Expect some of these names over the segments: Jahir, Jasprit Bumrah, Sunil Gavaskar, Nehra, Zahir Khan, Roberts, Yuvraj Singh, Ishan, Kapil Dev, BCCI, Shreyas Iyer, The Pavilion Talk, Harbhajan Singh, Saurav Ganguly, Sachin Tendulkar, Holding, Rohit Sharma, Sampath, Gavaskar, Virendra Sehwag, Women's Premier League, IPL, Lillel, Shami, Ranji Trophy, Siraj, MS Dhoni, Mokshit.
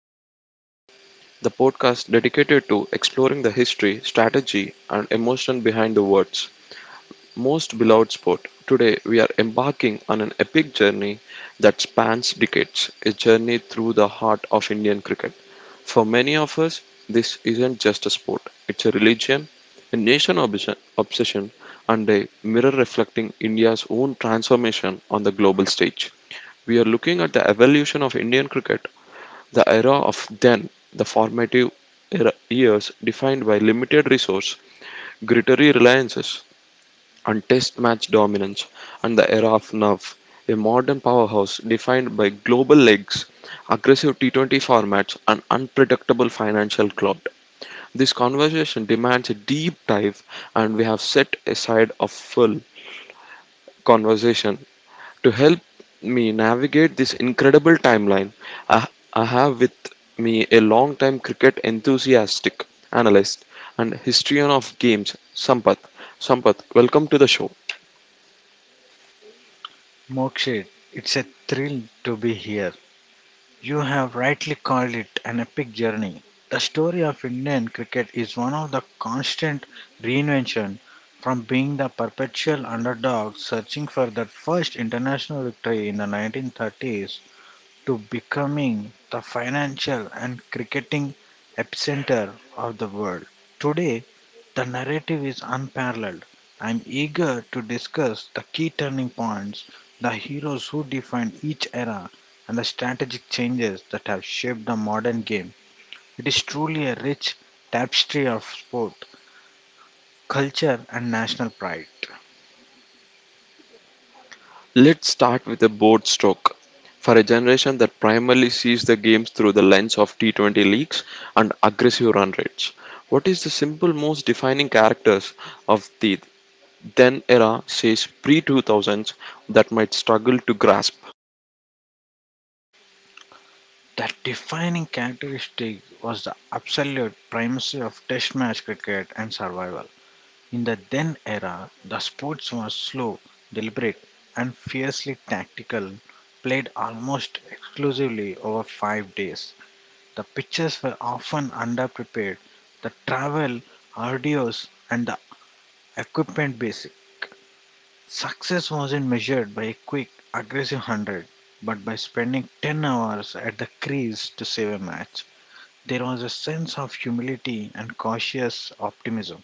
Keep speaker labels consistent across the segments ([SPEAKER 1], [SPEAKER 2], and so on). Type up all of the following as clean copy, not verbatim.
[SPEAKER 1] Pavilion Talk, the podcast dedicated to exploring the history, strategy and emotion behind the world's most beloved sport. Today we are embarking on an epic journey that spans decades, a journey through the heart of Indian cricket. For many of us, this isn't just a sport, it's a religion, a nation obsession and a mirror reflecting India's own transformation on the global stage. We are looking at the evolution of Indian cricket, the era of then, the formative era years defined by limited resource, gritty reliances, and test match dominance, and the era of NAV, a modern powerhouse defined by global legs, aggressive T20 formats, and unpredictable financial clout. This conversation demands a deep dive, and we have set aside a full conversation to help me navigate this incredible timeline. I, I have with me a long-time cricket enthusiastic, analyst, and historian of games, Sampath. Sampath, welcome to the show.
[SPEAKER 2] Mokshit, it's a thrill to be here. You have rightly called it an epic journey. The story of Indian cricket is one of the constant reinvention from being the perpetual underdog searching for their first international victory in the 1930s to becoming the financial and cricketing epicenter of the world. Today, the narrative is unparalleled. I'm eager to discuss the key turning points, the heroes who defined each era, and the strategic changes that have shaped the modern game. It is truly a rich tapestry of sport, culture, and national pride.
[SPEAKER 1] Let's start with a broad stroke. For a generation that primarily sees the games through the lens of T20 leagues and aggressive run rates, what is the simple most defining characters of the then era, says pre 2000s, that might struggle to grasp?
[SPEAKER 2] The defining characteristic was the absolute primacy of Test match cricket and survival. In the then era, the sports was slow, deliberate, and fiercely tactical, played almost exclusively over five days. The pitches were often underprepared, the travel, arduous, and the equipment basic. Success wasn't measured by a quick, aggressive hundred, but by spending 10 hours at the crease to save a match. There was a sense of humility and cautious optimism.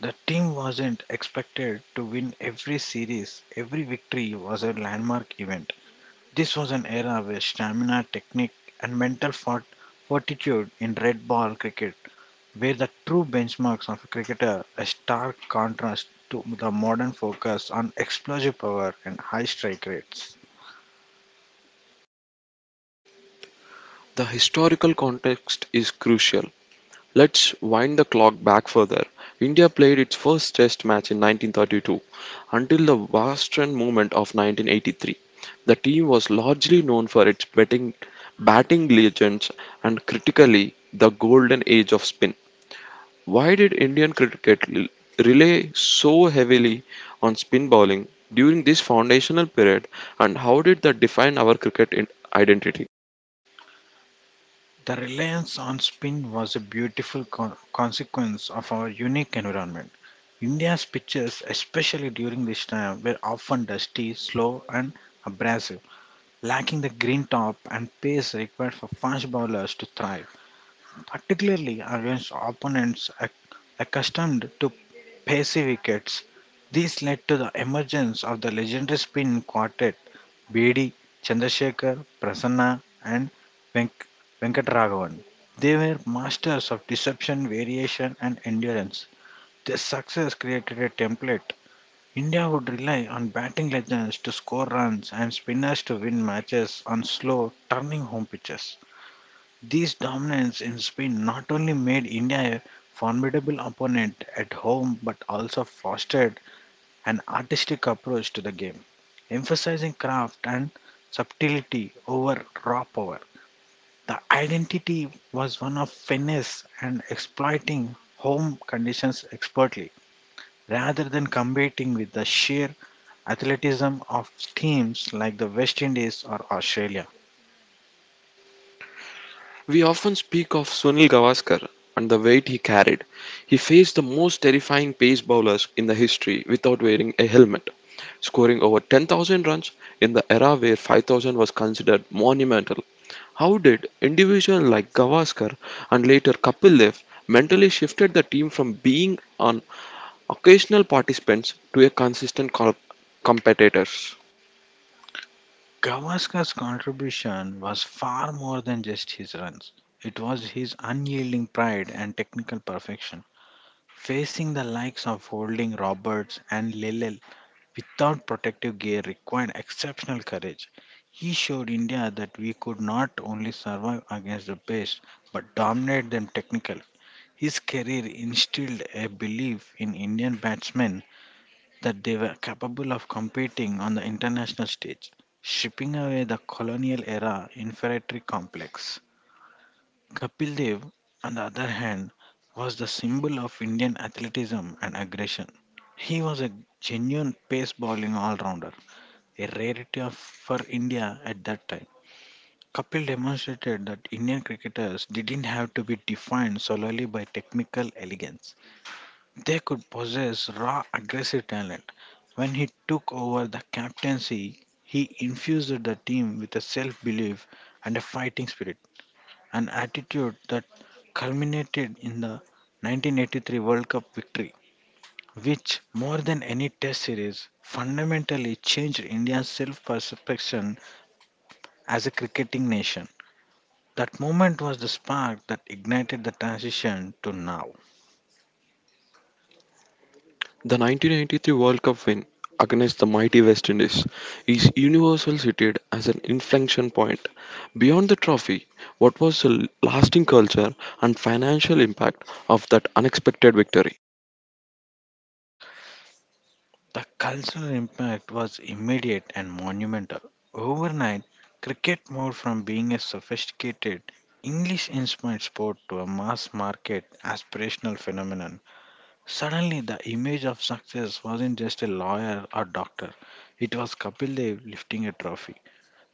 [SPEAKER 2] The team wasn't expected to win every series, every victory was a landmark event. This was an era where stamina, technique, and mental fortitude in red ball cricket were the true benchmarks of a cricketer, a stark contrast to the modern focus on explosive power and high strike rates.
[SPEAKER 1] The historical context is crucial. Let's wind the clock back further. India played its first test match in 1932 until the Boston movement of 1983. The team was largely known for its batting legends and critically the golden age of spin. Why did Indian rely so heavily on spin bowling during this foundational period and how did that define our identity?
[SPEAKER 2] The reliance on spin was a beautiful consequence of our unique environment. India's pitches, especially during this time, were often dusty, slow, and abrasive, lacking the green top and pace required for fast bowlers to thrive, particularly against opponents accustomed to pacey wickets. This led to the emergence of the legendary spin quartet Bedi Chandrasekhar, Prasanna, and Venk- Venkataraman. They were masters of deception, variation, and endurance. Their success created a template. India would rely on batting legends to score runs and spinners to win matches on slow, turning home pitches. These dominance in spin not only made India a formidable opponent at home but also fostered an artistic approach to the game, emphasizing craft and subtlety over raw power. The identity was one of finesse and exploiting home conditions expertly, rather than competing with the sheer athleticism of teams like the West Indies or Australia.
[SPEAKER 1] We often speak of Sunil Gavaskar and the weight he carried. He faced the most terrifying pace bowlers in the history without wearing a helmet, scoring over 10,000 runs in the era where 5,000 was considered monumental. How did individuals like Gavaskar and later Kapil Dev mentally shifted the team from being an occasional participants to a consistent competitors?
[SPEAKER 2] Gavaskar's contribution was far more than just his runs. It was his unyielding pride and technical perfection. Facing the likes of Holding, Roberts, and Lillel without protective gear required exceptional courage. He showed India that we could not only survive against the best but dominate them technically. His career instilled a belief in Indian batsmen that they were capable of competing on the international stage, shipping away the colonial era inferiority complex. Kapil Dev, on the other hand, was the symbol of Indian athleticism and aggression. He was a genuine pace bowling all rounder, a rarity of, for India at that time. Kapil demonstrated that Indian cricketers didn't have to be defined solely by technical elegance. They could possess raw aggressive talent. When he took over the captaincy, he infused the team with a self belief and a fighting spirit an attitude that culminated in the 1983 World Cup victory, which, more than any test series, fundamentally changed India's self perception as a cricketing nation. That moment was the spark that ignited the transition to now.
[SPEAKER 1] The 1993 World Cup win against the mighty West Indies is universally cited as an inflection point. Beyond the trophy, what was the lasting culture and financial impact of that unexpected victory?
[SPEAKER 2] The cultural impact was immediate and monumental. Overnight, cricket moved from being a sophisticated, English inspired sport to a mass market aspirational phenomenon. Suddenly, the image of success wasn't just a lawyer or doctor, it was Kapil Dev lifting a trophy.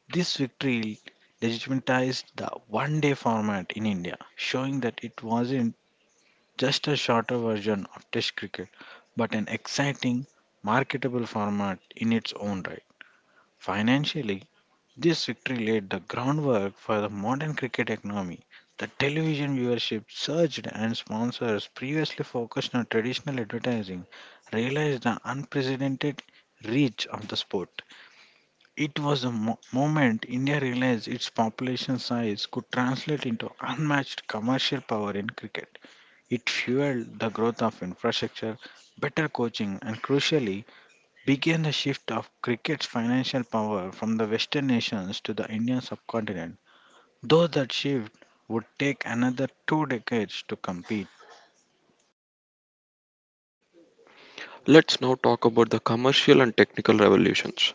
[SPEAKER 2] This victory legitimized the one day format in India, showing that it wasn't just a shorter version of Test cricket, but an exciting, marketable format in its own right. Financially, this victory laid the groundwork for the modern cricket economy. The television viewership surged, and sponsors previously focused on traditional advertising realized the unprecedented reach of the sport. It was the moment India realized its population size could translate into unmatched commercial power in cricket. It fueled the growth of infrastructure, better coaching, and crucially, began the shift of cricket's financial power from the Western nations to the Indian subcontinent, though that shift would take another two decades to complete.
[SPEAKER 1] Let's now talk about the commercial and technical revolutions.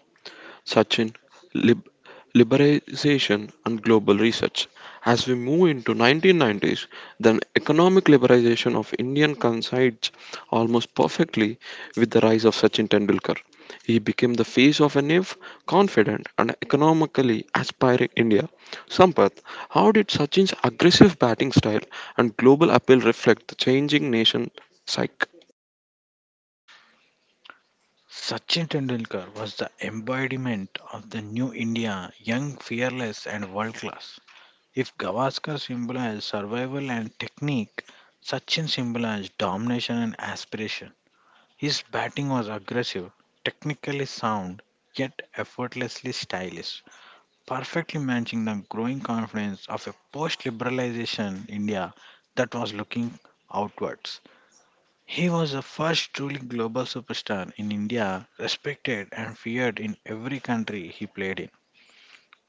[SPEAKER 1] Sachin, lib- liberalization and global research. As we move into 1990s, then economic liberalization of Indian coincides almost perfectly with the rise of Sachin Tendulkar. He became the face of a naive, confident, and economically aspiring India. Sampath, how did Sachin's aggressive batting style and global appeal reflect the changing nation psyche?
[SPEAKER 2] Sachin Tendulkar was the embodiment of the new India, young, fearless, and world class. If Gavaskar symbolized survival and technique, Sachin symbolized domination and aspiration. His batting was aggressive, technically sound, yet effortlessly stylish, perfectly matching the growing confidence of a post liberalization India that was looking outwards. He was the first truly global superstar in India, respected and feared in every country he played in.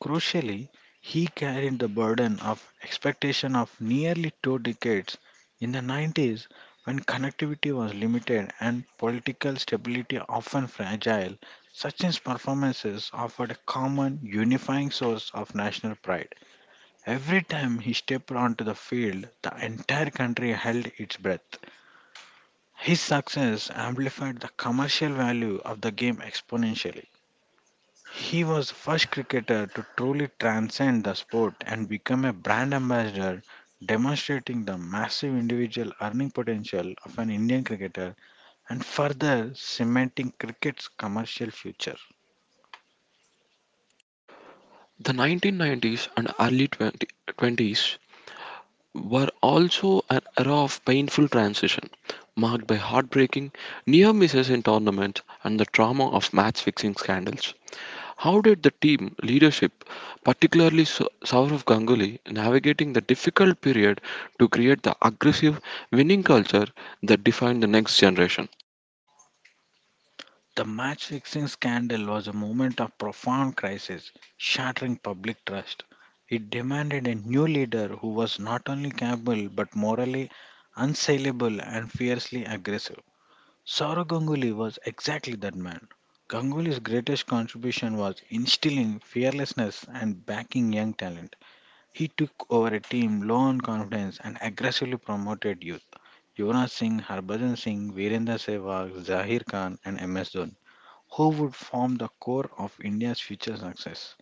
[SPEAKER 2] Crucially, he carried the burden of expectation of nearly two decades in the 90s when connectivity was limited and political stability often fragile. Sachin's performances offered a common, unifying source of national pride. Every time he stepped onto the field, the entire country held its breath. His success amplified the commercial value of the game exponentially. He was the first cricketer to truly transcend the sport and become a brand ambassador, demonstrating the massive individual earning potential of an Indian cricketer and further cementing cricket's commercial future.
[SPEAKER 1] The 1990s and 20s were also an era of painful transition, marked by heartbreaking near misses in tournaments and the trauma of match fixing scandals. How did the team leadership, particularly Saurav Ganguly, navigating the difficult period to create the aggressive winning culture that defined the next generation?
[SPEAKER 2] The match fixing scandal was a moment of profound crisis, shattering public trust. It demanded a new leader who was not only capable but morally unsaleable and fiercely aggressive. Saurav Ganguly was exactly that man. Ganguly's greatest contribution was instilling fearlessness and backing young talent. He took over a team low on confidence and aggressively promoted youth. Yuvraj Singh, Harbhajan Singh, Virendra Sehwag, Zahir Khan and MS Dhoni, who would form the core of India's future success.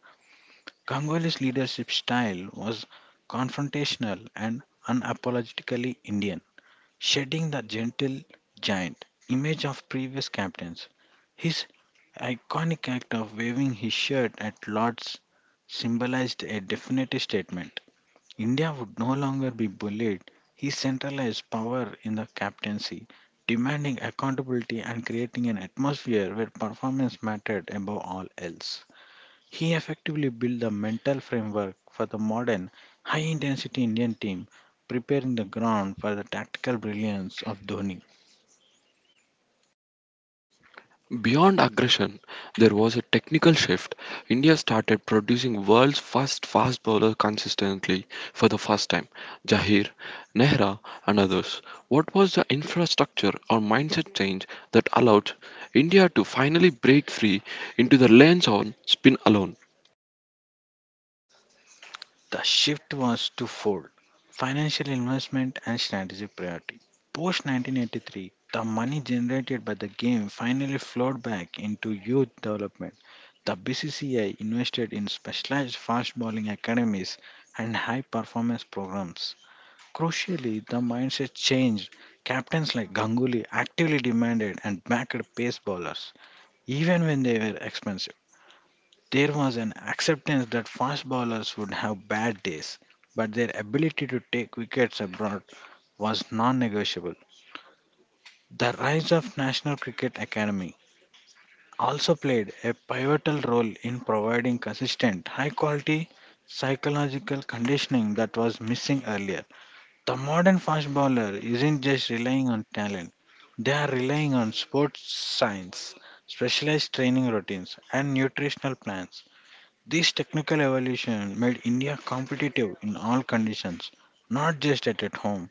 [SPEAKER 2] Ganguly's leadership style was confrontational and unapologetically Indian, shedding the gentle giant image of previous captains. His iconic act of waving his shirt at Lords symbolized a definitive statement. India would no longer be bullied. He centralized power in the captaincy, demanding accountability and creating an atmosphere where performance mattered above all else. He effectively built the mental framework for the modern high intensity Indian team, preparing the ground for the tactical brilliance of Dhoni.
[SPEAKER 1] Beyond aggression, there was a technical shift. India started producing world's first fast bowler consistently for the first time. Jahir, Nehra, and others. What was the infrastructure or mindset change that allowed India to finally break free into the lanes on spin alone?
[SPEAKER 2] The shift was twofold: financial investment and strategic priority. Post 1983, the money generated by the game finally flowed back into youth development. The BCCI invested in specialized fast bowling academies and high performance programs. Crucially, the mindset changed. Captains like Ganguly actively demanded and backed pace bowlers, even when they were expensive. There was an acceptance that fast bowlers would have bad days, but their ability to take wickets abroad was non negotiable. The rise of National Cricket Academy also played a pivotal role in providing consistent, high quality psychological conditioning that was missing earlier. The modern fast bowler isn't just relying on talent, they are relying on sports science, specialized training routines, and nutritional plans. This technical evolution made India competitive in all conditions, not just at home,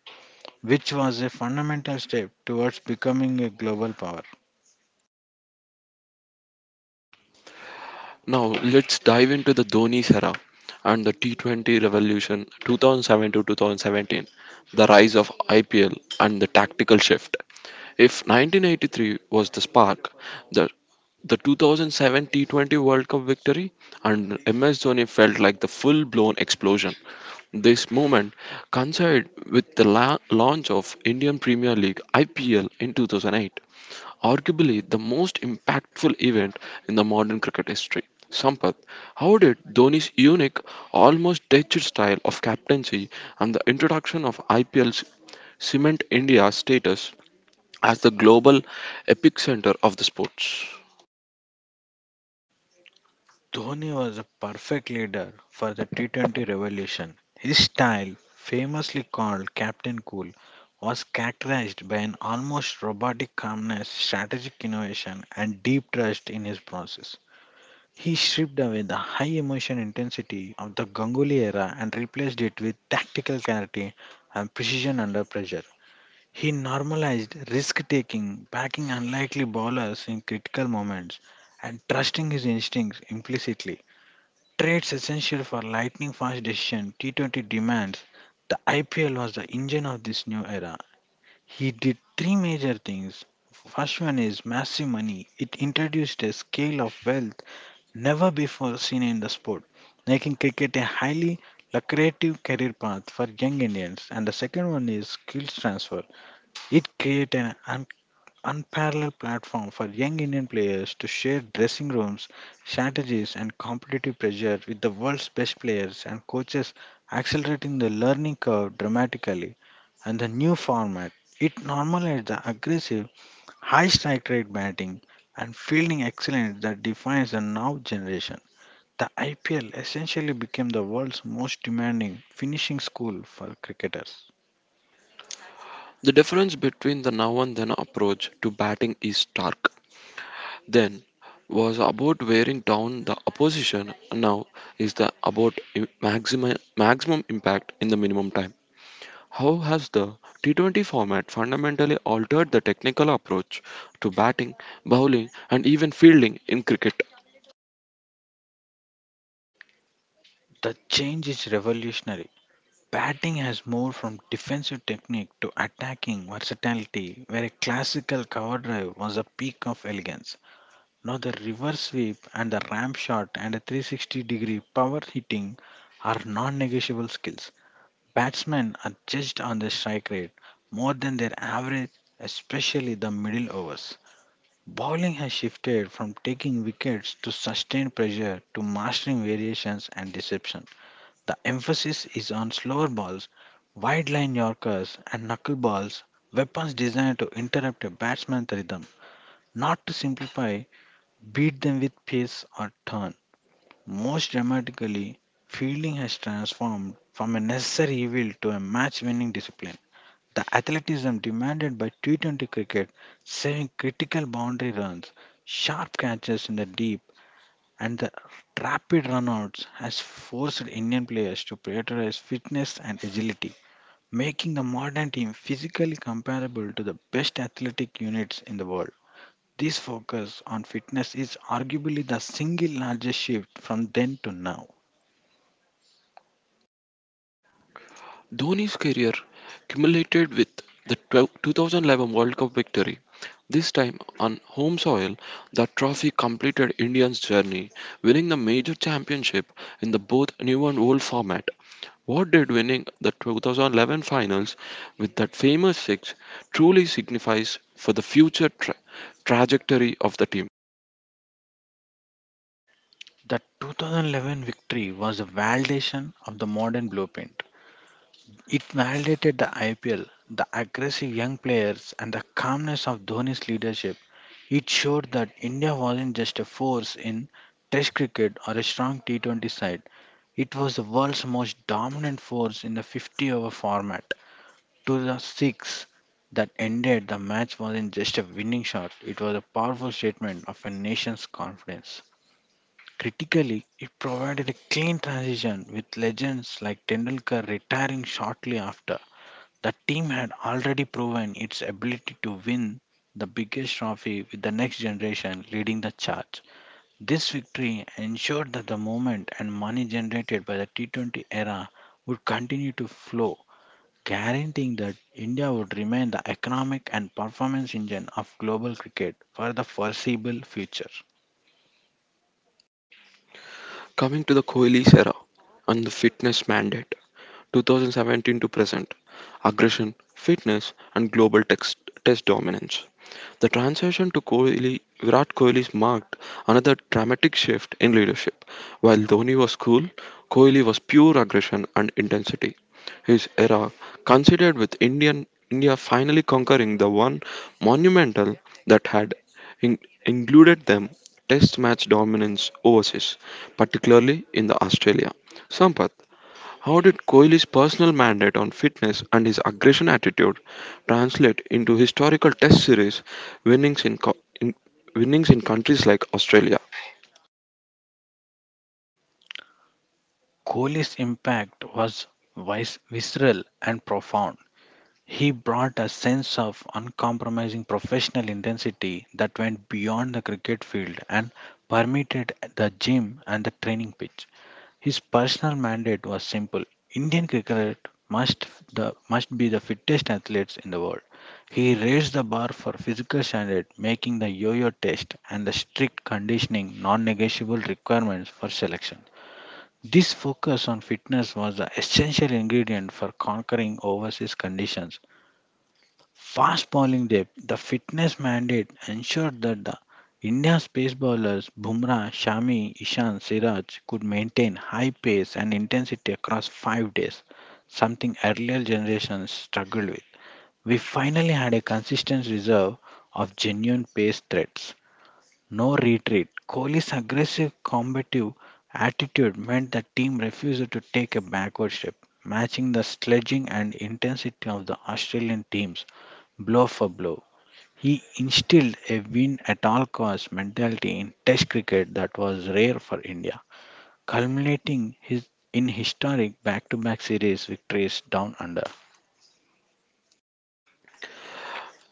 [SPEAKER 2] which was a fundamental step towards becoming a global power.
[SPEAKER 1] Now let's dive into the Dhoni era and the T20 revolution 2007 to 2017, the rise of IPL and the tactical shift. If 1983 was the spark, the the 2007 T20 World Cup victory and MS Dhoni felt like the full-blown explosion. This moment coincided with the launch of Indian Premier League IPL in 2008, arguably the most impactful event in the modern cricket history. Sampath, how did Dhoni's unique, almost detached style of captaincy and the introduction of IPL cement India's status as the global epicenter of the sports?
[SPEAKER 2] Dhoni was a perfect leader for the T20 revolution. His style, famously called Captain Cool, was characterized by an almost robotic calmness, strategic innovation, and deep trust in his process. He stripped away the high emotion intensity of the Ganguly era and replaced it with tactical clarity and precision under pressure. He normalized risk taking, backing unlikely bowlers in critical moments, and trusting his instincts implicitly. Trades essential for lightning fast decision, T20 demands. The IPL was the engine of this new era. He did three major things. First one is massive money. It introduced a scale of wealth never before seen in the sport, making cricket a highly lucrative career path for young Indians. And the second one is skills transfer. It created an unparalleled platform for young Indian players to share dressing rooms, strategies, and competitive pressure with the world's best players and coaches, accelerating the learning curve dramatically. And the new format, it normalized the aggressive, high strike rate batting and fielding excellence that defines the now generation. The IPL essentially became the world's most demanding finishing school for cricketers.
[SPEAKER 1] The difference between the now and then approach to batting is stark. Then was about wearing down the opposition, now is the about maximum impact in the minimum time. How has the T20 format fundamentally altered the technical approach to batting, bowling, and even fielding in cricket?
[SPEAKER 2] The change is revolutionary. Batting has moved from defensive technique to attacking versatility, where a classical cover drive was the peak of elegance. Now the reverse sweep and the ramp shot and a 360-degree power hitting are non negotiable skills. Batsmen are judged on their strike rate more than their average, especially the middle overs. Bowling has shifted from taking wickets to sustained pressure to mastering variations and deception. The emphasis is on slower balls, wide line Yorkers, and knuckleballs, weapons designed to interrupt a batsman's rhythm, not to simplify, beat them with pace or turn. Most dramatically, fielding has transformed from a necessary evil to a match winning discipline. The athleticism demanded by T20 cricket, saving critical boundary runs, sharp catches in the deep, and the rapid runouts has forced Indian players to prioritize fitness and agility, making the modern team physically comparable to the best athletic units in the world. This focus on fitness is arguably the single largest shift from then to now.
[SPEAKER 1] Dhoni's career culminated with the 12 2011 World Cup victory. This time on home soil, the trophy completed India's journey, winning the major championship in the both new and old format. What did winning the 2011 finals with that famous six truly signifies for the future trajectory of the team?
[SPEAKER 2] The 2011 victory was a validation of the modern blueprint. It validated the IPL, the aggressive young players, and the calmness of Dhoni's leadership. It showed that India wasn't just a force in Test cricket or a strong T20 side, it was the world's most dominant force in the 50 over format. To the six that ended the match wasn't just a winning shot, it was a powerful statement of a nation's confidence. Critically, it provided a clean transition with legends like Tendulkar retiring shortly after. The team had already proven its ability to win the biggest trophy with the next generation leading the charge. This victory ensured that the moment and money generated by the T20 era would continue to flow, guaranteeing that India would remain the economic and performance engine of global cricket for the foreseeable future.
[SPEAKER 1] Coming to the Kohli's era and the fitness mandate, 2017 to present, aggression, fitness, and global test dominance. The transition to Virat Kohli's marked another dramatic shift in leadership. While Dhoni was cool, Kohli was pure aggression and intensity, his era, considered with India finally conquering the one monumental that had in- included them, test match dominance overseas, particularly in the Australia. Sampath, how did Kohli's personal mandate on fitness and his aggression attitude translate into historical test series winnings in, co- in winnings in countries like Australia?
[SPEAKER 2] Kohli's impact was visceral and profound. He brought a sense of uncompromising professional intensity that went beyond the cricket field and permeated the gym and the training pitch. His personal mandate was simple: Indian cricket must, must be the fittest athletes in the world. He raised the bar for physical standard, making the yo yo test and the strict conditioning non negotiable requirements for selection. This focus on fitness was the essential ingredient for conquering overseas conditions. Fast bowling depth, the fitness mandate ensured that the India's pace bowlers Bumrah, Shami, Ishan, Siraj could maintain high pace and intensity across 5 days, something earlier generations struggled with. We finally had a consistent reserve of genuine pace threats. No retreat. Kohli's aggressive combative attitude meant the team refused to take a backward step, matching the sledging and intensity of the Australian teams blow for blow. He instilled a win at all costs mentality in Test cricket that was rare for India, culminating in historic back to back series victories down under.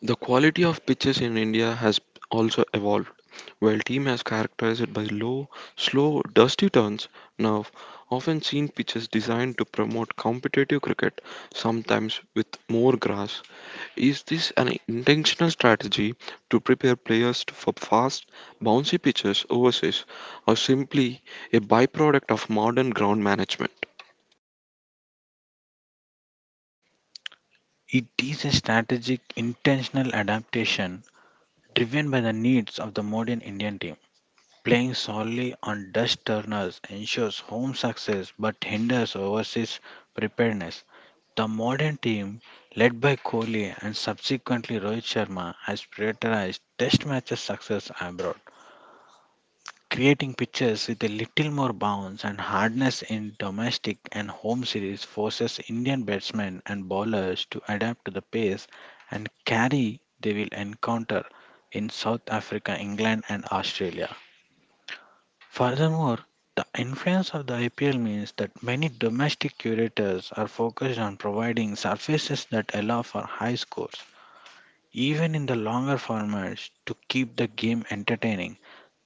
[SPEAKER 1] The quality of pitches in India has also evolved. While team has characterized it by low, slow, dusty turns, now often seen pitches designed to promote competitive cricket, sometimes with more grass. Is this an intentional strategy to prepare players for fast, bouncy pitches overseas, or simply a byproduct of modern ground management?
[SPEAKER 2] It is a strategic, intentional adaptation driven by the needs of the modern Indian team. Playing solely on dust turners ensures home success but hinders overseas preparedness. The modern team, led by Kohli and subsequently Rohit Sharma, has prioritized test matches success abroad, creating pitches with a little more bounce and hardness in domestic and home series forces Indian batsmen and bowlers to adapt to the pace and carry they will encounter in South Africa, England and Australia. Furthermore, the influence of the IPL means that many domestic curators are focused on providing surfaces that allow for high scores. Even in the longer formats, to keep the game entertaining,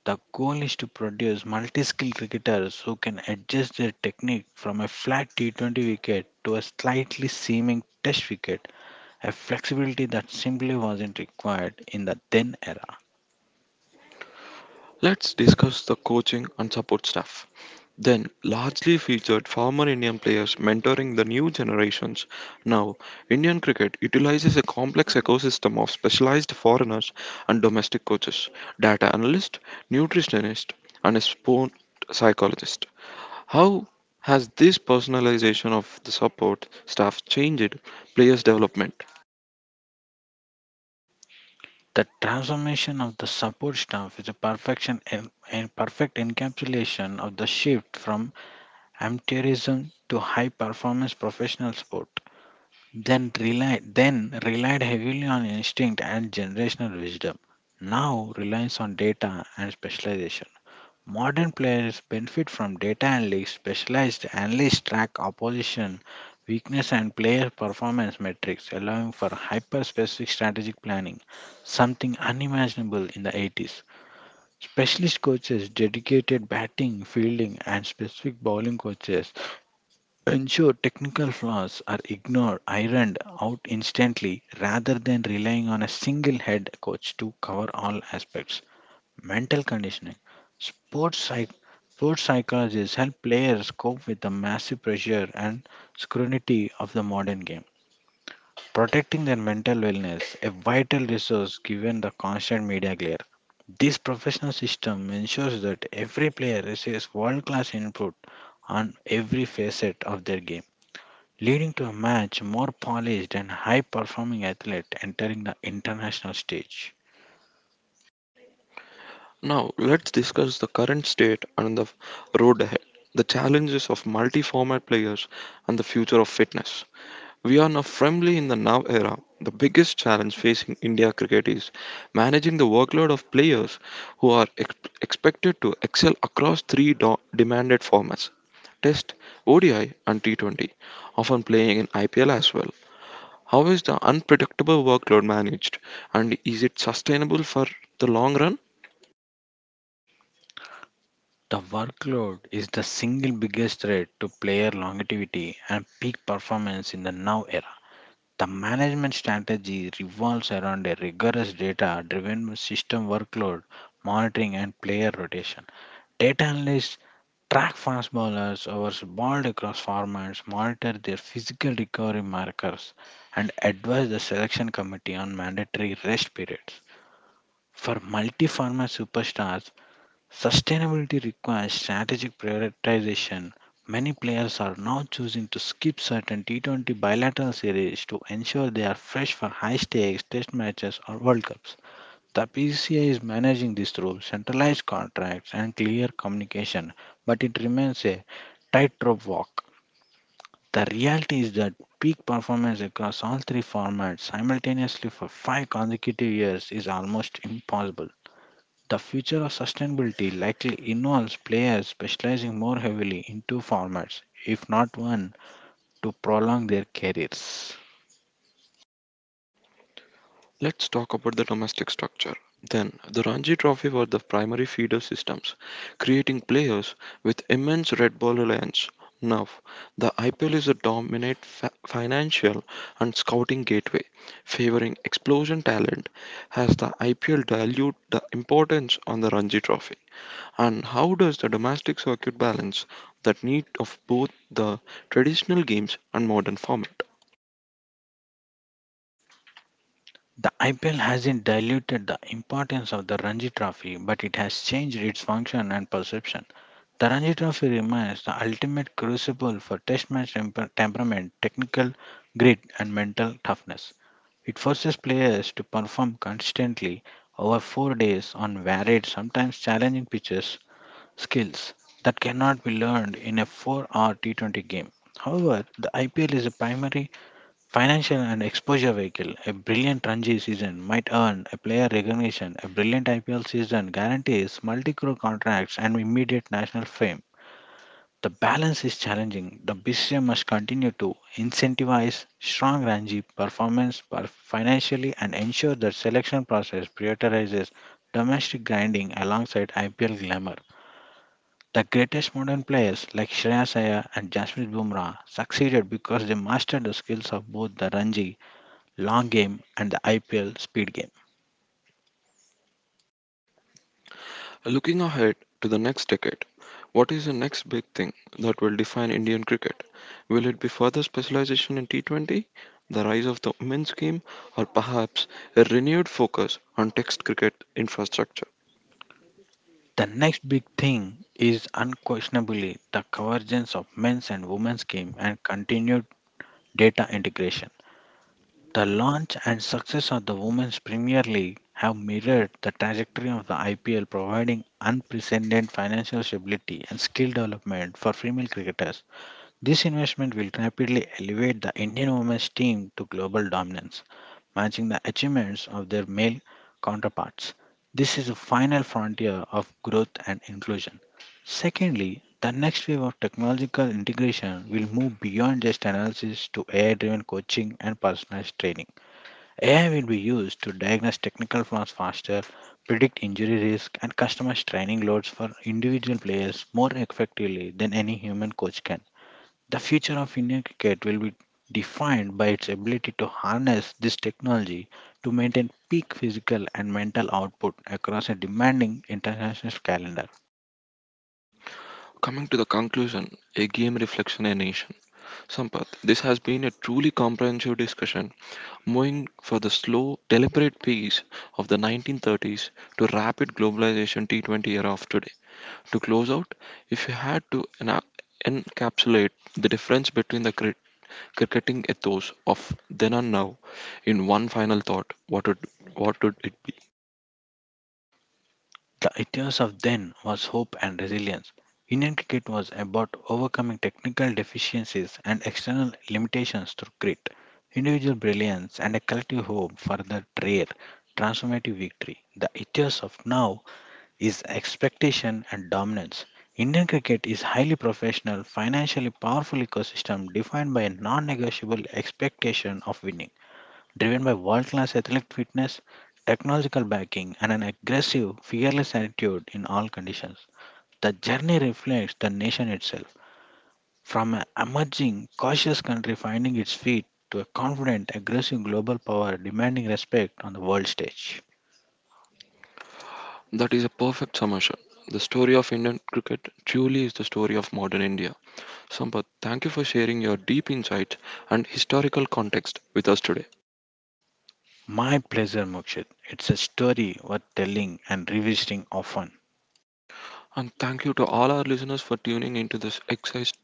[SPEAKER 2] the goal is to produce multi skilled cricketers who can adjust their technique from a flat T20 wicket to a slightly seaming test wicket, a flexibility that simply wasn't required in the then era.
[SPEAKER 1] Let's discuss the coaching and support staff. Then largely featured former Indian players mentoring the new generations. Now, Indian cricket utilizes a complex ecosystem of specialized foreigners and domestic coaches, data analyst, nutritionist, and a sport psychologist. How has this personalization of the support staff changed players' development?
[SPEAKER 2] The transformation of the support staff is a perfection en- and perfect encapsulation of the shift from amateurism to high performance professional sport. Then relied heavily on instinct and generational wisdom. Now reliance on data and specialization. Modern players benefit from data analytics. Specialized analysts track opposition, weakness, and player performance metrics, allowing for hyper specific strategic planning, something unimaginable in the 80s. Specialist coaches, dedicated batting, fielding, and specific bowling coaches ensure technical flaws are ignored, ironed out instantly, rather than relying on a single head coach to cover all aspects. Mental conditioning. Sports, psych- sports psychologists help players cope with the massive pressure and scrutiny of the modern game, protecting their mental wellness, a vital resource given the constant media glare. This professional system ensures that every player receives world class input on every facet of their game, leading to a much more polished and high performing athlete entering the international stage.
[SPEAKER 1] Now, let's discuss the current state and the road ahead, the challenges of multi format players, and the future of fitness. We are now firmly in the now era. The biggest challenge facing India cricket is managing the workload of players who are expected to excel across three demanded formats: Test, ODI, and T20, often playing in IPL as well. How is the unpredictable workload managed, and is it sustainable for the long run?
[SPEAKER 2] The workload is the single biggest threat to player longevity and peak performance in the now era. The management strategy revolves around a rigorous data driven system workload monitoring and player rotation. Data analysts track fast bowlers over balled across formats, monitor their physical recovery markers, and advise the selection committee on mandatory rest periods. For multi format superstars, sustainability requires strategic prioritization. Many players are now choosing to skip certain T20 bilateral series to ensure they are fresh for high stakes test matches or World Cups. The PCA is managing this through centralized contracts and clear communication, but it remains a tightrope walk. The reality is that peak performance across all three formats simultaneously for five consecutive years is almost impossible. The future of sustainability likely involves players specializing more heavily in two formats, if not one, to prolong their careers.
[SPEAKER 1] Let's talk about the domestic structure. Then, the Ranji Trophy were the primary feeder systems, creating players with immense red ball reliance. Now, the IPL is a dominant financial and scouting gateway, favoring explosion talent. Has the IPL dilute the importance on the Ranji Trophy? And how does the domestic circuit balance that need of both the traditional games and modern format?
[SPEAKER 2] The IPL hasn't diluted the importance of the Ranji Trophy, but it has changed its function and perception. The Ranji Trophy remains the ultimate crucible for test match temperament, technical grit, and mental toughness. It forces players to perform consistently over 4 days on varied, sometimes challenging pitches, skills that cannot be learned in a 4-hour T20 game. However, the IPL is a primary financial and exposure vehicle. A brilliant Ranji season might earn a player recognition. A brilliant IPL season guarantees multi crore contracts and immediate national fame. The balance is challenging. The BCCI must continue to incentivize strong Ranji financially and ensure that selection process prioritizes domestic grinding alongside IPL glamour. The greatest modern players like Shreyas Iyer and Jasprit Bumrah succeeded because they mastered the skills of both the Ranji long game and the IPL speed game.
[SPEAKER 1] Looking ahead to the next decade, what is the next big thing that will define Indian cricket? Will it be further specialization in T20, the rise of the women's game, or perhaps a renewed focus on text cricket infrastructure?
[SPEAKER 2] The next big thing is unquestionably the convergence of men's and women's game and continued data integration. The launch and success of the Women's Premier League have mirrored the trajectory of the IPL, providing unprecedented financial stability and skill development for female cricketers. This investment will rapidly elevate the Indian women's team to global dominance, matching the achievements of their male counterparts. This is the final frontier of growth and inclusion. Secondly, the next wave of technological integration will move beyond just analysis to AI driven coaching and personalized training. AI will be used to diagnose technical flaws faster, predict injury risk, and customize training loads for individual players more effectively than any human coach can. The future of Indian cricket will be defined by its ability to harness this technology to maintain peak physical and mental output across a demanding international calendar.
[SPEAKER 1] Coming to the conclusion, a game reflection a nation. Sampath, this has been a truly comprehensive discussion, moving for the slow, deliberate pace of the 1930s to rapid globalization T20 era of today. To close out, if you had to encapsulate the difference between the cricketing ethos of then and now in one final thought, what would it be?
[SPEAKER 2] The ethos of then was hope and resilience. Indian cricket was about overcoming technical deficiencies and external limitations through grit, individual brilliance, and a collective hope for that rare, transformative victory. The ethos of now is expectation and dominance. Indian cricket is highly professional, financially powerful ecosystem defined by a non-negotiable expectation of winning driven by world class athletic fitness, technological backing, and an aggressive, fearless attitude in all conditions. The journey reflects the nation itself, from an emerging, cautious country finding its feet to a confident, aggressive global power demanding respect on the world stage.
[SPEAKER 1] That is a perfect summation. The story of Indian cricket truly is the story of modern India. Sampath, thank you for sharing your deep insights and historical context with us today.
[SPEAKER 2] My pleasure, Mokshit. It's a story worth telling and revisiting often.
[SPEAKER 1] And thank you to all our listeners for tuning into this exercise,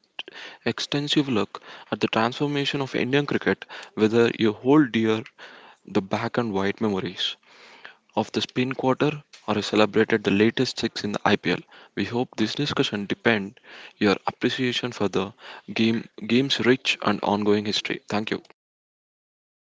[SPEAKER 1] extensive look at the transformation of Indian cricket, whether you hold dear the black and white memories of the spin quarter or celebrated the latest six in the IPL. We hope this discussion deepened your appreciation for the game's rich and ongoing history. Thank you.